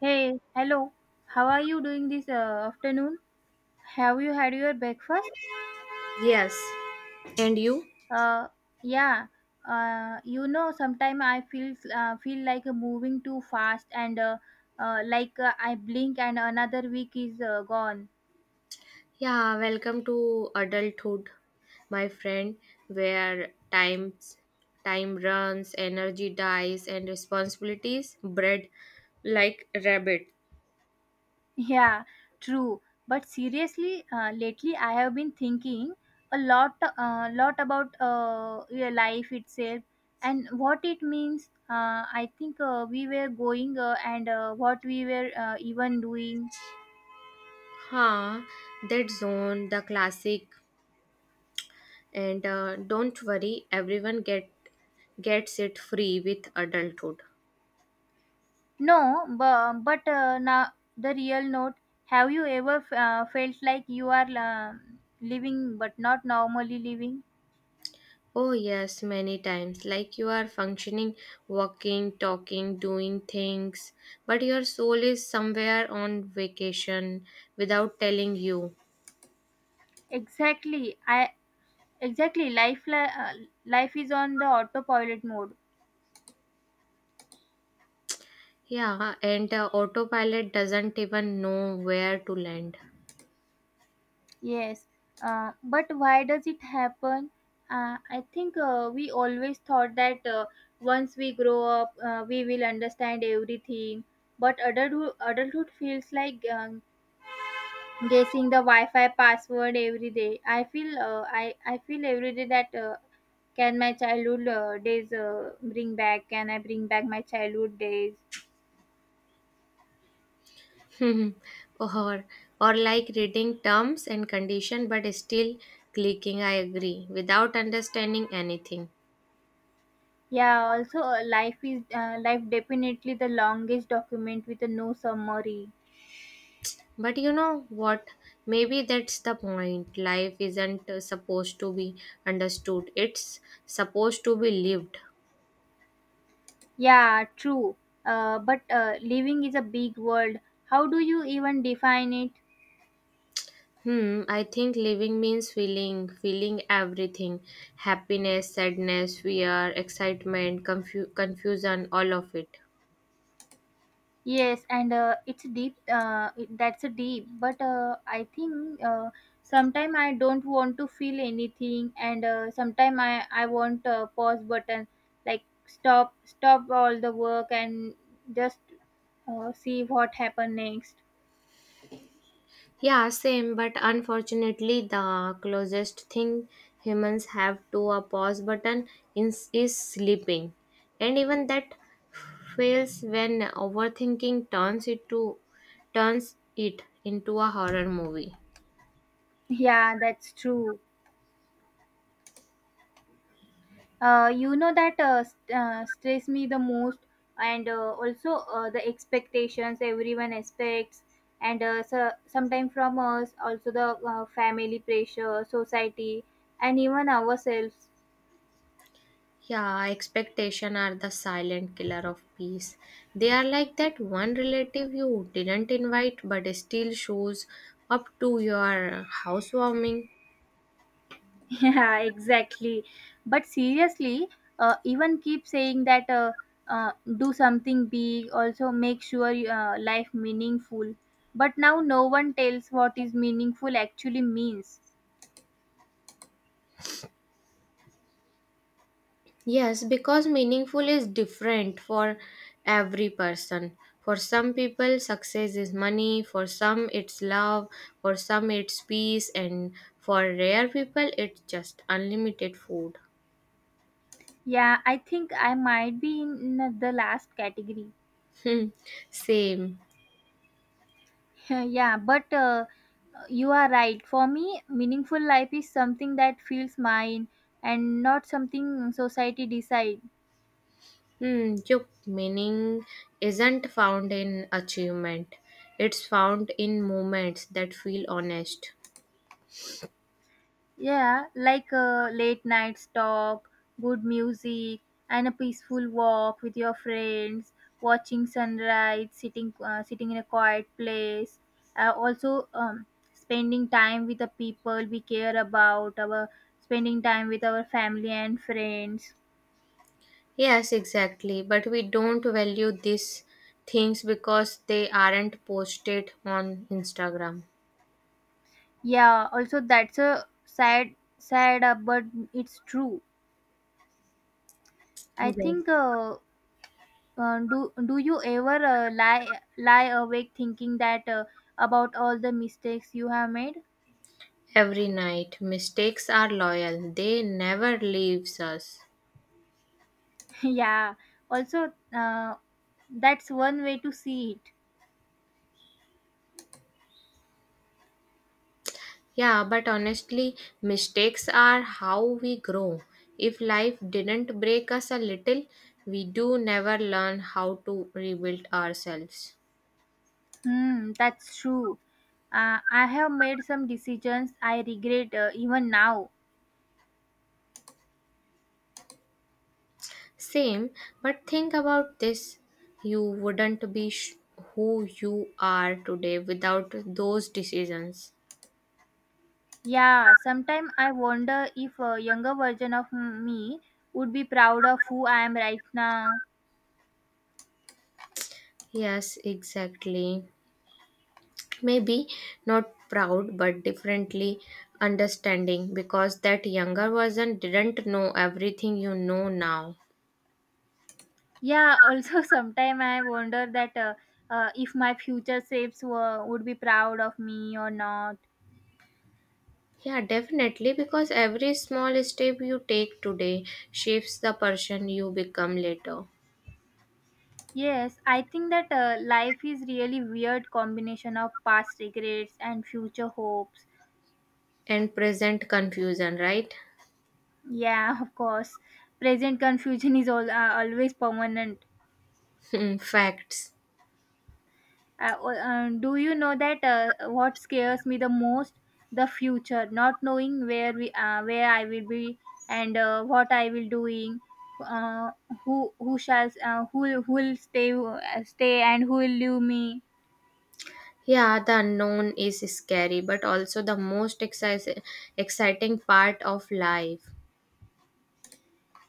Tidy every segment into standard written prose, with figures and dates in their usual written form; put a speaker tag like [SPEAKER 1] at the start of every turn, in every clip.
[SPEAKER 1] Hey, hello. How are you doing this afternoon? Have you had your breakfast?
[SPEAKER 2] Yes. And you?
[SPEAKER 1] Uh, yeah. Sometimes I feel feel like moving too fast, and I blink and another week is gone.
[SPEAKER 2] Yeah, welcome to adulthood, my friend, where time runs, energy dies, and responsibilities breed like rabbit.
[SPEAKER 1] Yeah, true. But seriously, lately I have been thinking a lot about your life itself and what it means. I think we were going and what we were even doing.
[SPEAKER 2] Huh, that zone, the classic. And Don't worry, everyone gets it free with adulthood.
[SPEAKER 1] No, but now the real note. Have you ever felt like you are living but not normally living?
[SPEAKER 2] Oh, yes, many times. Like you are functioning, walking, talking, doing things, but your soul is somewhere on vacation without telling you.
[SPEAKER 1] Exactly. I exactly life li- Life is on the autopilot mode.
[SPEAKER 2] Yeah, and autopilot doesn't even know where to land.
[SPEAKER 1] Yes, but why does it happen? I think we always thought that once we grow up, we will understand everything. But adulthood feels like guessing the Wi-Fi password every day. I feel every day that can my childhood days bring back? Can I bring back my childhood days?
[SPEAKER 2] or or like reading terms and condition but still clicking I agree without understanding anything.
[SPEAKER 1] Yeah. Also, life definitely the longest document with a no summary.
[SPEAKER 2] But you know what? Maybe that's the point. Life isn't supposed to be understood, it's supposed to be lived.
[SPEAKER 1] Yeah, true. But living is a big world. How do you even define it?
[SPEAKER 2] Hmm, I think living means feeling, feeling everything: happiness, sadness, fear, excitement, confusion, all of it.
[SPEAKER 1] Yes, and it's deep. That's a deep. But I think sometimes I don't want to feel anything, and sometimes I want a pause button, like stop, stop all the work and just see what happen next.
[SPEAKER 2] Yeah, same, but unfortunately, the closest thing humans have to a pause button is sleeping. And even that fails when overthinking turns it into a horror movie.
[SPEAKER 1] Yeah, that's true. You know that stress me the most, and also the expectations everyone expects, and so, sometimes from us, also the family pressure, society, and even ourselves.
[SPEAKER 2] Yeah, expectation are the silent killer of peace. They are like that one relative you didn't invite but still shows up to your housewarming.
[SPEAKER 1] Yeah, exactly. But seriously, even keep saying that do something big, also make sure life meaningful. But now no one tells what is meaningful actually means.
[SPEAKER 2] Yes, because meaningful is different for every person. For some people, success is money, for some, it's love, for some, it's peace, and for rare people, it's just unlimited food.
[SPEAKER 1] Yeah, I think I might be in the last category.
[SPEAKER 2] Hmm, same.
[SPEAKER 1] Yeah, but you are right. For me, meaningful life is something that feels mine and not something society decides.
[SPEAKER 2] Hmm, your meaning isn't found in achievement, it's found in moments that feel honest.
[SPEAKER 1] Yeah, like a late night talk, good music, and a peaceful walk with your friends, watching sunrise, sitting in a quiet place. Also, spending time with the people we care about, our spending time with our family and friends.
[SPEAKER 2] Yes, exactly. But we don't value these things because they aren't posted on Instagram.
[SPEAKER 1] Yeah, also that's a sad, but it's true. I
[SPEAKER 2] Yes.
[SPEAKER 1] think do do you ever lie awake thinking that about all the mistakes you have made?
[SPEAKER 2] Every night. Mistakes are loyal. They never leaves us.
[SPEAKER 1] Yeah. Also, that's one way to see it.
[SPEAKER 2] Yeah, but honestly, mistakes are how we grow. If life didn't break us a little, we do never learn how to rebuild ourselves.
[SPEAKER 1] Hmm, that's true. I have made some decisions I regret even now.
[SPEAKER 2] Same, but think about this. You wouldn't be who you are today without those decisions.
[SPEAKER 1] Yeah, sometimes I wonder if a younger version of me would be proud of who I am right now.
[SPEAKER 2] Yes, exactly. Maybe not proud, but differently understanding because that younger version didn't know everything you know now.
[SPEAKER 1] Yeah, also sometime I wonder that if my future selves would be proud of me or not.
[SPEAKER 2] Yeah, definitely, because every small step you take today shapes the person you become later.
[SPEAKER 1] Yes, I think that life is really weird combination of past regrets and future hopes.
[SPEAKER 2] And present confusion, right?
[SPEAKER 1] Yeah, of course. Present confusion is always permanent.
[SPEAKER 2] Facts.
[SPEAKER 1] Do you know that what scares me the most? The future, not knowing where I will be and what I will doing, uh, who shall who will stay and who will leave me.
[SPEAKER 2] Yeah, the unknown is scary, but also the most exciting part of life.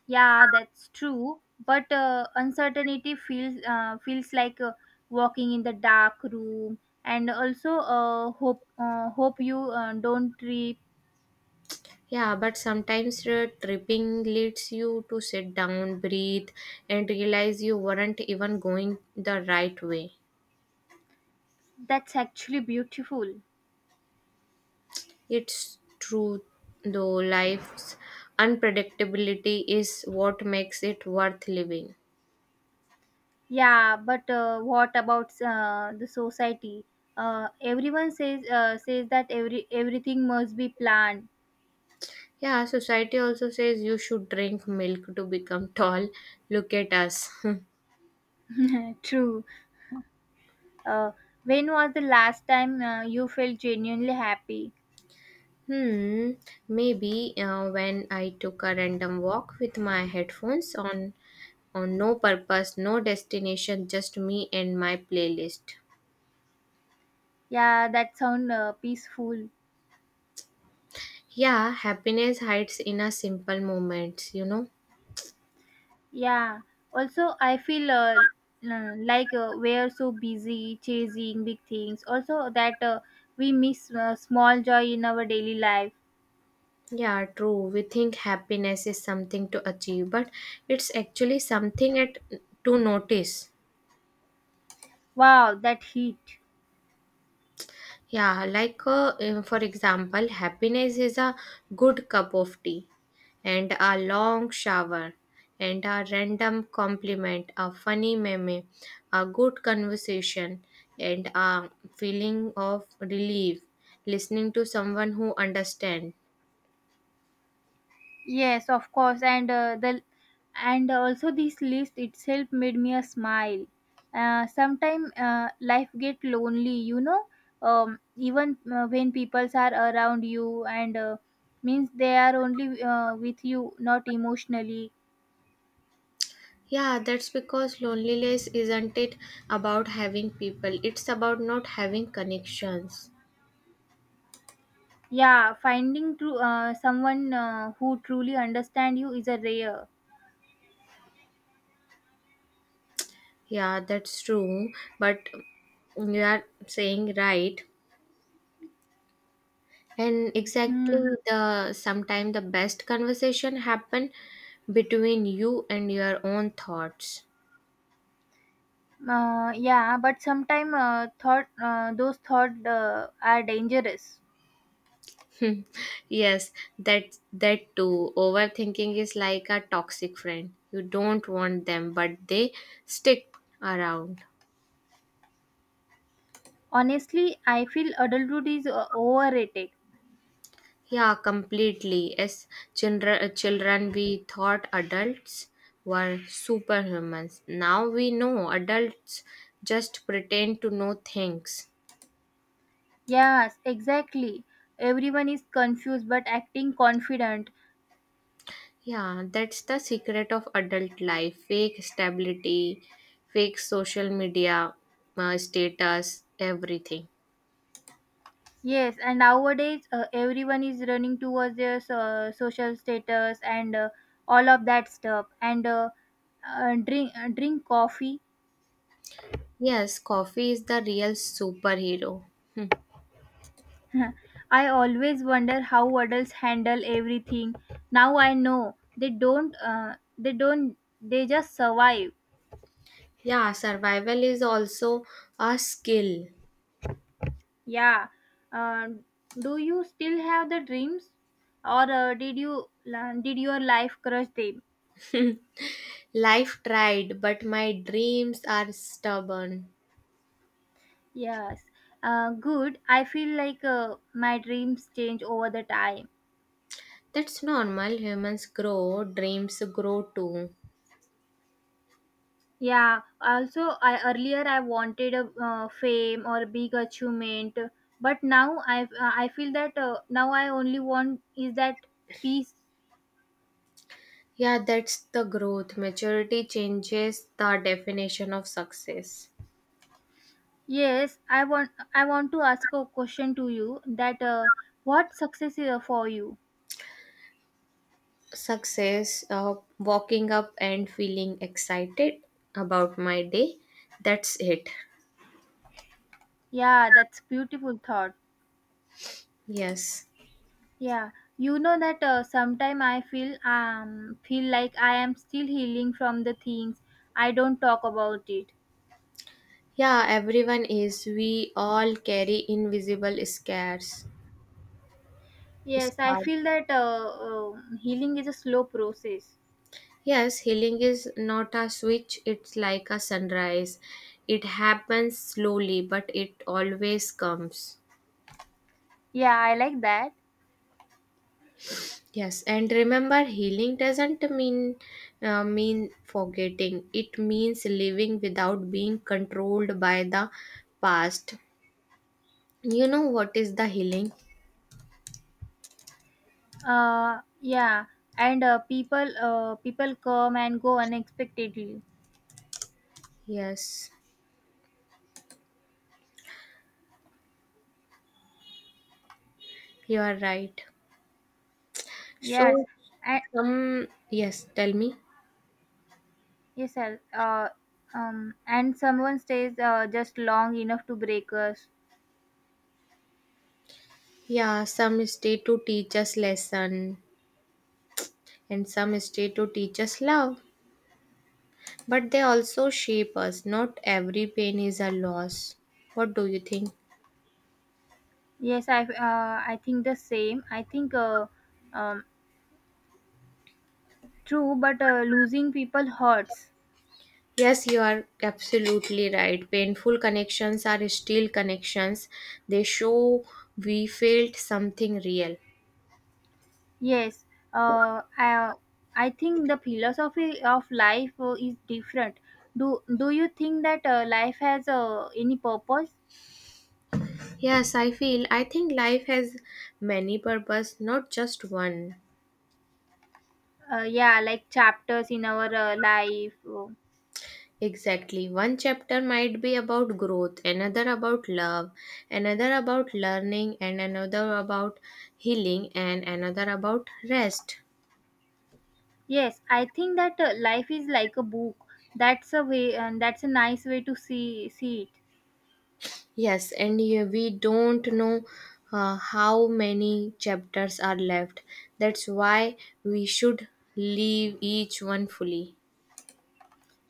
[SPEAKER 1] Yeah, that's true. But uncertainty feels like walking in the dark room, and also hope you don't trip.
[SPEAKER 2] Yeah, but sometimes tripping leads you to sit down, breathe, and realize you weren't even going the right way.
[SPEAKER 1] That's actually beautiful.
[SPEAKER 2] It's true, though, life's unpredictability is what makes it worth living.
[SPEAKER 1] Yeah, but what about the society? Everyone says that everything must be planned.
[SPEAKER 2] Yeah, society also says you should drink milk to become tall. Look at us.
[SPEAKER 1] True. Uh, when was the last time you felt genuinely happy?
[SPEAKER 2] Hmm, maybe when I took a random walk with my headphones on no purpose, no destination, just me and my playlist.
[SPEAKER 1] Yeah, that sound peaceful.
[SPEAKER 2] Yeah, happiness hides in a simple moments, you know.
[SPEAKER 1] Yeah. Also, I feel we're so busy chasing big things. Also, that we miss small joy in our daily life.
[SPEAKER 2] Yeah, true. We think happiness is something to achieve, but it's actually something to notice.
[SPEAKER 1] Wow, that hit.
[SPEAKER 2] Yeah, like for example, happiness is a good cup of tea and a long shower and a random compliment, a funny meme, a good conversation, and a feeling of relief listening to someone who understands.
[SPEAKER 1] Yes, of course. And also this list itself made me a smile sometime life get lonely, even when people are around you and means they are only with you not emotionally.
[SPEAKER 2] Yeah, that's because loneliness isn't it about having people, it's about not having connections.
[SPEAKER 1] Yeah, finding true someone who truly understand you is a rare.
[SPEAKER 2] Yeah, that's true, but you are saying right and
[SPEAKER 1] Hmm.
[SPEAKER 2] exactly the sometime the best conversation happen between you and your own thoughts.
[SPEAKER 1] Yeah, but sometimes thought those thoughts are dangerous.
[SPEAKER 2] Hmm. Yes, that that too. Overthinking is like a toxic friend you don't want them but they stick around.
[SPEAKER 1] Honestly, I feel adulthood is overrated.
[SPEAKER 2] Yeah, completely. As children we thought adults were superhumans. Now we know adults just pretend to know things.
[SPEAKER 1] Yes, exactly. Everyone is confused but acting confident.
[SPEAKER 2] Yeah, that's the secret of adult life: fake stability, fake social media status, everything.
[SPEAKER 1] Yes, and nowadays everyone is running towards their social status and all of that stuff. And drink coffee.
[SPEAKER 2] Yes, coffee is the real superhero. Hmm.
[SPEAKER 1] I always wonder how adults handle everything. Now I know they don't. They don't. They just survive.
[SPEAKER 2] Yeah, survival is also a skill.
[SPEAKER 1] Yeah. uh, do you still have the dreams, or did your life crush them?
[SPEAKER 2] Life tried, but my dreams are stubborn.
[SPEAKER 1] Yes. Good. I feel like my dreams change over the time.
[SPEAKER 2] That's normal. Humans grow, dreams grow too.
[SPEAKER 1] Yeah. Also, I earlier I wanted a fame or big achievement, but now I feel that now I only want is that peace.
[SPEAKER 2] Yeah, that's the growth. Maturity changes the definition of success.
[SPEAKER 1] Yes, I want to ask a question to you that what success is for you?
[SPEAKER 2] Success, walking up and feeling excited about my day. That's it.
[SPEAKER 1] Yeah, that's beautiful thought.
[SPEAKER 2] Yes.
[SPEAKER 1] Yeah, you know that sometime I feel like I am still healing from the things I don't talk about it.
[SPEAKER 2] Yeah, everyone is. We all carry invisible scars.
[SPEAKER 1] Yes, I
[SPEAKER 2] Scars.
[SPEAKER 1] feel that healing is a slow process.
[SPEAKER 2] Yes, healing is not a switch, it's like a sunrise. It happens slowly, but it always comes.
[SPEAKER 1] Yeah, I like that.
[SPEAKER 2] Yes, and remember, healing doesn't mean forgetting. It means living without being controlled by the past. You know what is the healing?
[SPEAKER 1] Yeah, and people come and go unexpectedly.
[SPEAKER 2] Yes, you are right. So
[SPEAKER 1] Yes, and
[SPEAKER 2] some yes, tell me.
[SPEAKER 1] yes, sir. And someone stays just long enough to break us.
[SPEAKER 2] Yeah, some stay to teach us lesson, and some stay to teach us love. But they also shape us. Not every pain is a loss. What do you think?
[SPEAKER 1] Yes, I think the same. I think um, true, but losing people hurts.
[SPEAKER 2] Yes, you are absolutely right. Painful connections are still connections. They show we felt something real.
[SPEAKER 1] Yes, uh, I I think the philosophy of life is different. Do you think that life has any purpose?
[SPEAKER 2] Yes, I feel. I think life has many purpose, not just one.
[SPEAKER 1] Yeah, like chapters in our life. uh,
[SPEAKER 2] Exactly. One chapter might be about growth, another about love, another about learning, and another about healing, and another about rest.
[SPEAKER 1] yes, I think that life is like a book. That's a way, and that's a nice way to see it.
[SPEAKER 2] Yes, and yeah, we don't know how many chapters are left. That's why we should leave each one fully.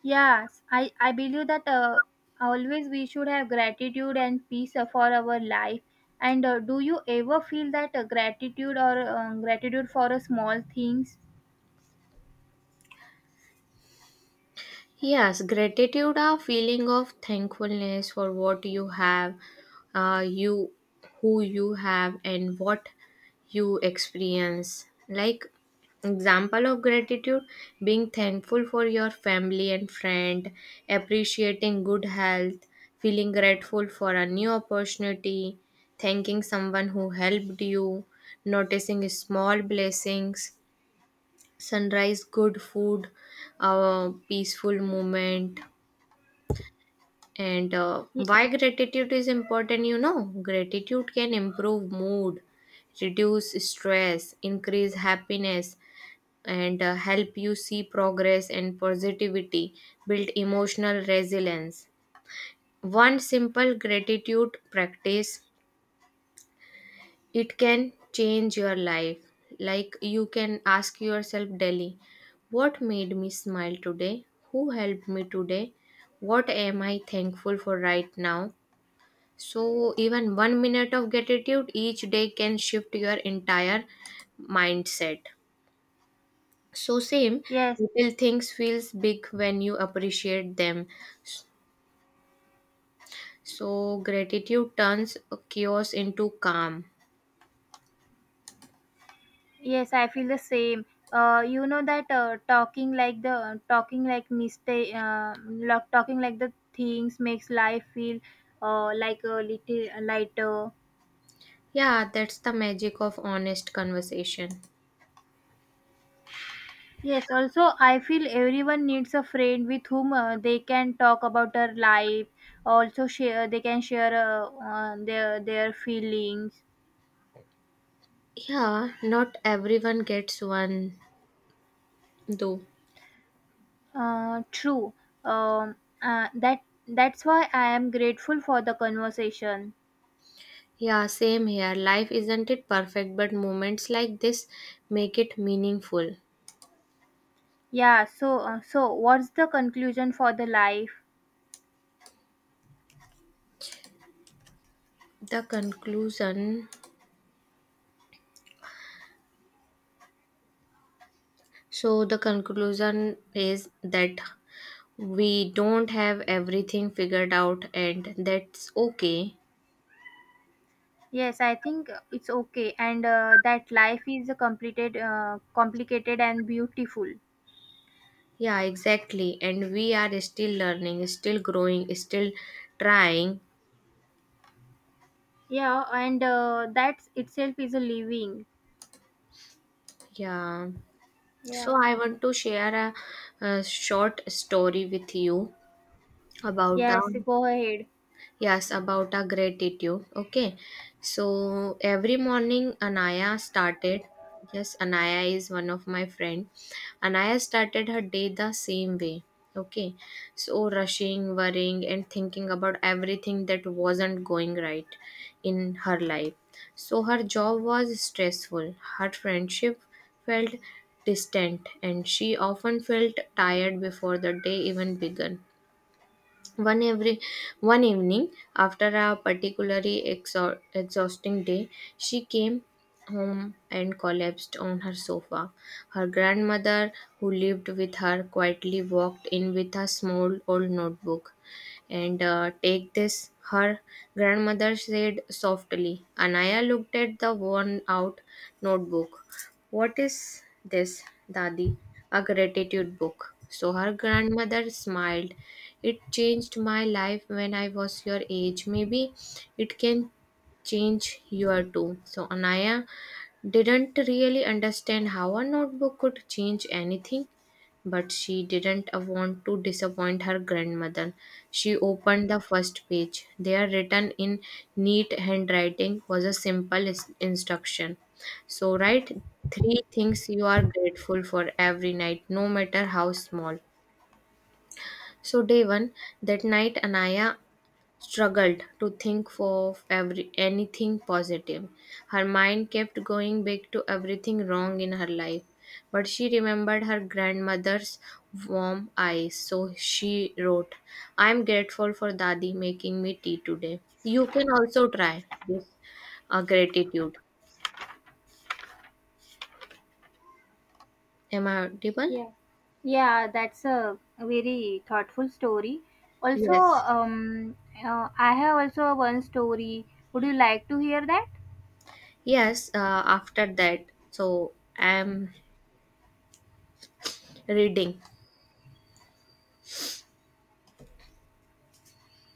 [SPEAKER 1] Yes, I believe that always we should have gratitude and peace for our life. And do you ever feel that gratitude for small things?
[SPEAKER 2] Yes, gratitude are feeling of thankfulness for what you have, you who you have and what you experience. Like example of gratitude: being thankful for your family and friend, appreciating good health, feeling grateful for a new opportunity, thanking someone who helped you, noticing small blessings, sunrise, good food, peaceful moment. And
[SPEAKER 1] Y-
[SPEAKER 2] why gratitude is important? You know, gratitude can improve mood, reduce stress, increase happiness, and help you see progress and positivity, build emotional resilience. One simple gratitude practice: it can change your life. Like you can ask yourself daily, what made me smile today? Who helped me today? What am I thankful for right now? So, even 1 minute of gratitude each day can shift your entire mindset. So, same,
[SPEAKER 1] yes,
[SPEAKER 2] little things feels big when you appreciate them. So, gratitude turns chaos into calm.
[SPEAKER 1] yes, I feel the same. You know that talking like the talking like mistake, lo- talking like the things makes life feel like a little lighter.
[SPEAKER 2] Yeah, that's the magic of honest conversation.
[SPEAKER 1] Yes, also, I feel everyone needs a friend with whom they can talk about their life. Also, share they can share their feelings.
[SPEAKER 2] Yeah, not everyone gets one though.
[SPEAKER 1] True. Um, uh, that that's why I am grateful for the conversation.
[SPEAKER 2] Yeah, same here. Life isn't it perfect, but moments like this make it meaningful.
[SPEAKER 1] Yeah. So what's the conclusion for the life?
[SPEAKER 2] The conclusion, so, the conclusion is that we don't have everything figured out, and that's okay.
[SPEAKER 1] Yes, I think it's okay, and that life is a complicated and beautiful.
[SPEAKER 2] Yeah, exactly. And we are still learning, still growing, still trying.
[SPEAKER 1] Yeah, and that itself is a living.
[SPEAKER 2] Yeah. So,
[SPEAKER 1] Yeah.
[SPEAKER 2] I want to share a short story with you. About our—
[SPEAKER 1] Yes, go ahead.
[SPEAKER 2] Yes, about our gratitude. Okay, so every morning Anaya started— yes, Anaya is one of my friend. Anaya started her day the same way, okay, so rushing, worrying, and thinking about everything that wasn't going right in her life. So her job was stressful, her friendship felt distant, and she often felt tired before the day even began. one every One evening, after a particularly exhausting day, she came home and collapsed on her sofa. Her grandmother, who lived with her, quietly walked in with a small old notebook. And Take this, her grandmother said softly. Anaya looked at the worn out notebook. What is this, Dadi? A gratitude book, so her grandmother smiled. It changed my life when I was your age. Maybe it can change your too. So Anaya didn't really understand how a notebook could change anything, but she didn't want to disappoint her grandmother. She opened the first page. There, written in neat handwriting, was a simple instruction. So write three things you are grateful for every night, no matter how small. So day 1, that night Anaya struggled to think of every anything positive. Her mind kept going back to everything wrong in her life. But she remembered her grandmother's warm eyes, so she wrote, I am grateful for Dadi making me tea today. You can also try this gratitude. Am I audible?
[SPEAKER 1] Yeah. Yeah, that's a very thoughtful story. Also,
[SPEAKER 2] Yes.
[SPEAKER 1] I have also one story. Would you like to hear that?
[SPEAKER 2] Yes, after that, so I am reading.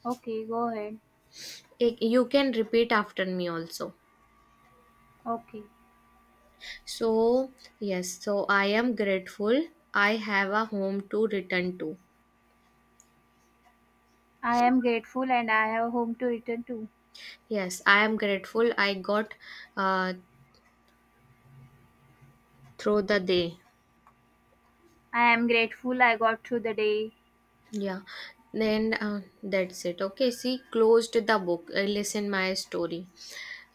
[SPEAKER 1] Okay, go ahead.
[SPEAKER 2] I- you can repeat after me also.
[SPEAKER 1] Okay.
[SPEAKER 2] So, yes, so I am grateful I have a home to return to.
[SPEAKER 1] I am grateful and I have home to return to.
[SPEAKER 2] Yes, I am grateful I got uh, through the day.
[SPEAKER 1] I am grateful I got through the day.
[SPEAKER 2] Yeah, then that's it. Okay, see, closed the book. I listen my story.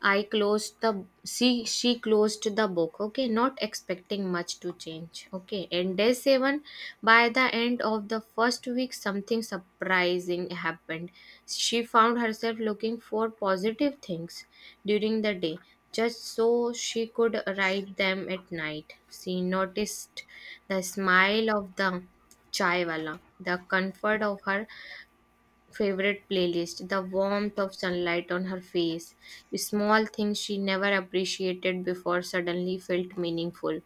[SPEAKER 2] I closed the— she closed the book, okay, not expecting much to change. Okay. And day 7, by the end of the first week, something surprising happened. She found herself looking for positive things during the day, just so she could write them at night. She noticed the smile of the chaiwala, the comfort of her favorite playlist, the warmth of sunlight on her face, small things she never appreciated before suddenly felt meaningful.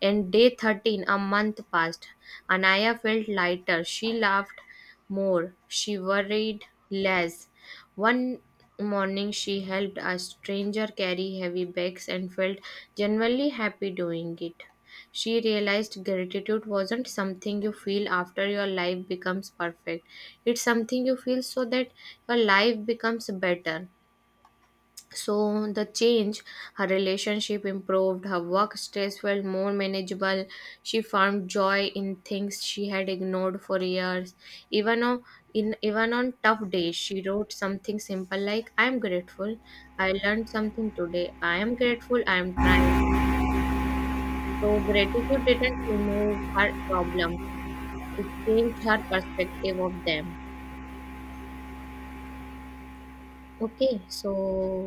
[SPEAKER 2] And day 13, a month passed. Anaya felt lighter. She laughed more. She worried less. One morning, she helped a stranger carry heavy bags and felt genuinely happy doing it. She realized gratitude wasn't something you feel after your life becomes perfect. It's something you feel so that your life becomes better. So the change, her relationship improved, her work stress felt more manageable. She found joy in things she had ignored for years. Even on in even on tough days, she wrote something simple like "I am grateful. I learned something today. I am grateful. I am trying." So gratitude didn't remove her problems; it changed her perspective of them. Okay, so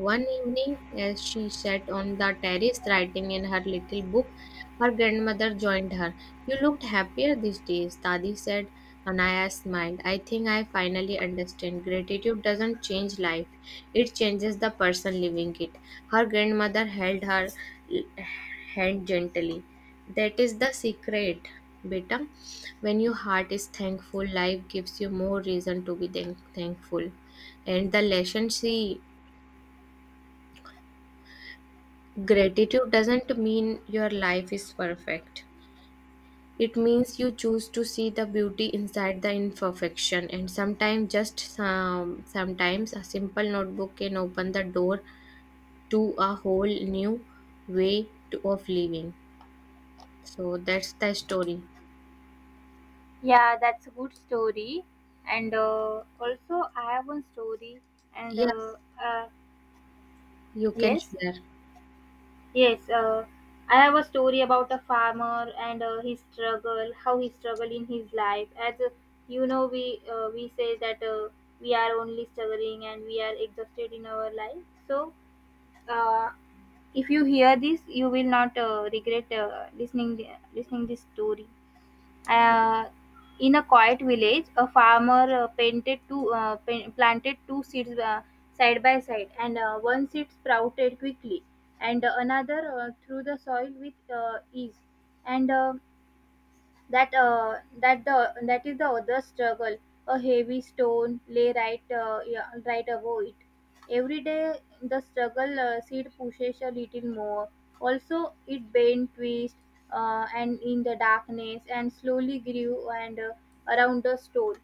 [SPEAKER 2] one evening, as she sat on the terrace writing in her little book, her grandmother joined her. You looked happier these days, Dadi said. Anaya smiled. I think I finally understand. Gratitude doesn't change life, it changes the person living it. Her grandmother held her l- hand gently. That is the secret, beta. When your heart is thankful, life gives you more reason to be thankful. And the lesson, see, gratitude doesn't mean your life is perfect. It means you choose to see the beauty inside the imperfection, and sometimes sometimes a simple notebook can open the door to a whole new way of living. So that's the story.
[SPEAKER 1] Yeah, that's a good story. And also, I have one story. And uh,
[SPEAKER 2] Yes,
[SPEAKER 1] uh,
[SPEAKER 2] you can
[SPEAKER 1] yes,
[SPEAKER 2] share.
[SPEAKER 1] Yes, uh, I have a story about a farmer and his struggle, how he struggled in his life. As you know, we say that we are only struggling and we are exhausted in our life. So, uh, if you hear this, you will not regret listening this story. Uh, in a quiet village, a farmer planted two seeds side by side, and one seed sprouted quickly, and another through the soil with ease. And that is the other struggle. A heavy stone lay right above it. Every day the struggle seed pushes a little more, also it bent twist, and in the darkness and slowly grew, and around the stone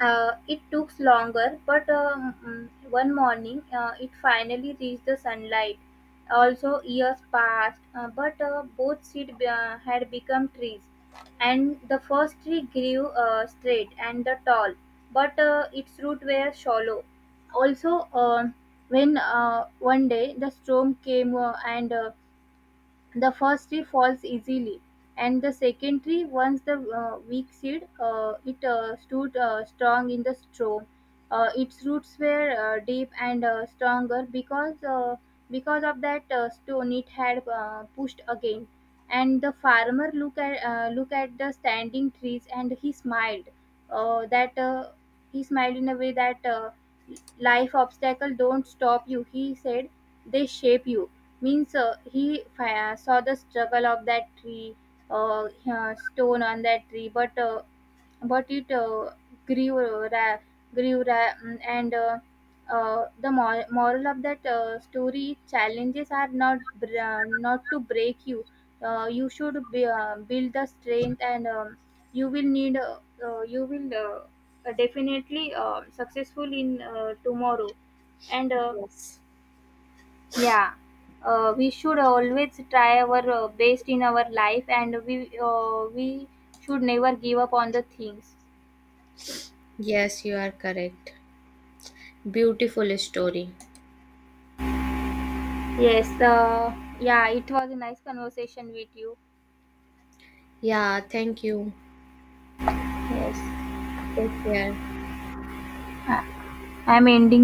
[SPEAKER 1] it took longer, but one morning it finally reached the sunlight. Also, years passed, but both seeds had become trees. And the first tree grew straight and the tall, but its roots were shallow. Also, when one day the storm came, and the first tree falls easily, and the second tree, once the weak seed, it stood strong in the storm. Its roots were deep and stronger because of that stone it had pushed again. And the farmer looked at the standing trees and he smiled. That He smiled in a way that life obstacle don't stop you. He said they shape you, means saw the struggle of that tree, uh, stone on that tree, but it grew uh, ra- grew. Mm, and the moral of that story: challenges are not to break you, you should be, build the strength, and you will need you will definitely successful in tomorrow, and
[SPEAKER 2] Yes,
[SPEAKER 1] yeah, we should always try our best in our life, and we should never give up on the things.
[SPEAKER 2] yes, you are correct. Beautiful story.
[SPEAKER 1] Yes, yeah, it was a nice conversation with you.
[SPEAKER 2] Yeah, thank you.
[SPEAKER 1] Yes,
[SPEAKER 2] Take care.
[SPEAKER 1] I- I'm ending the.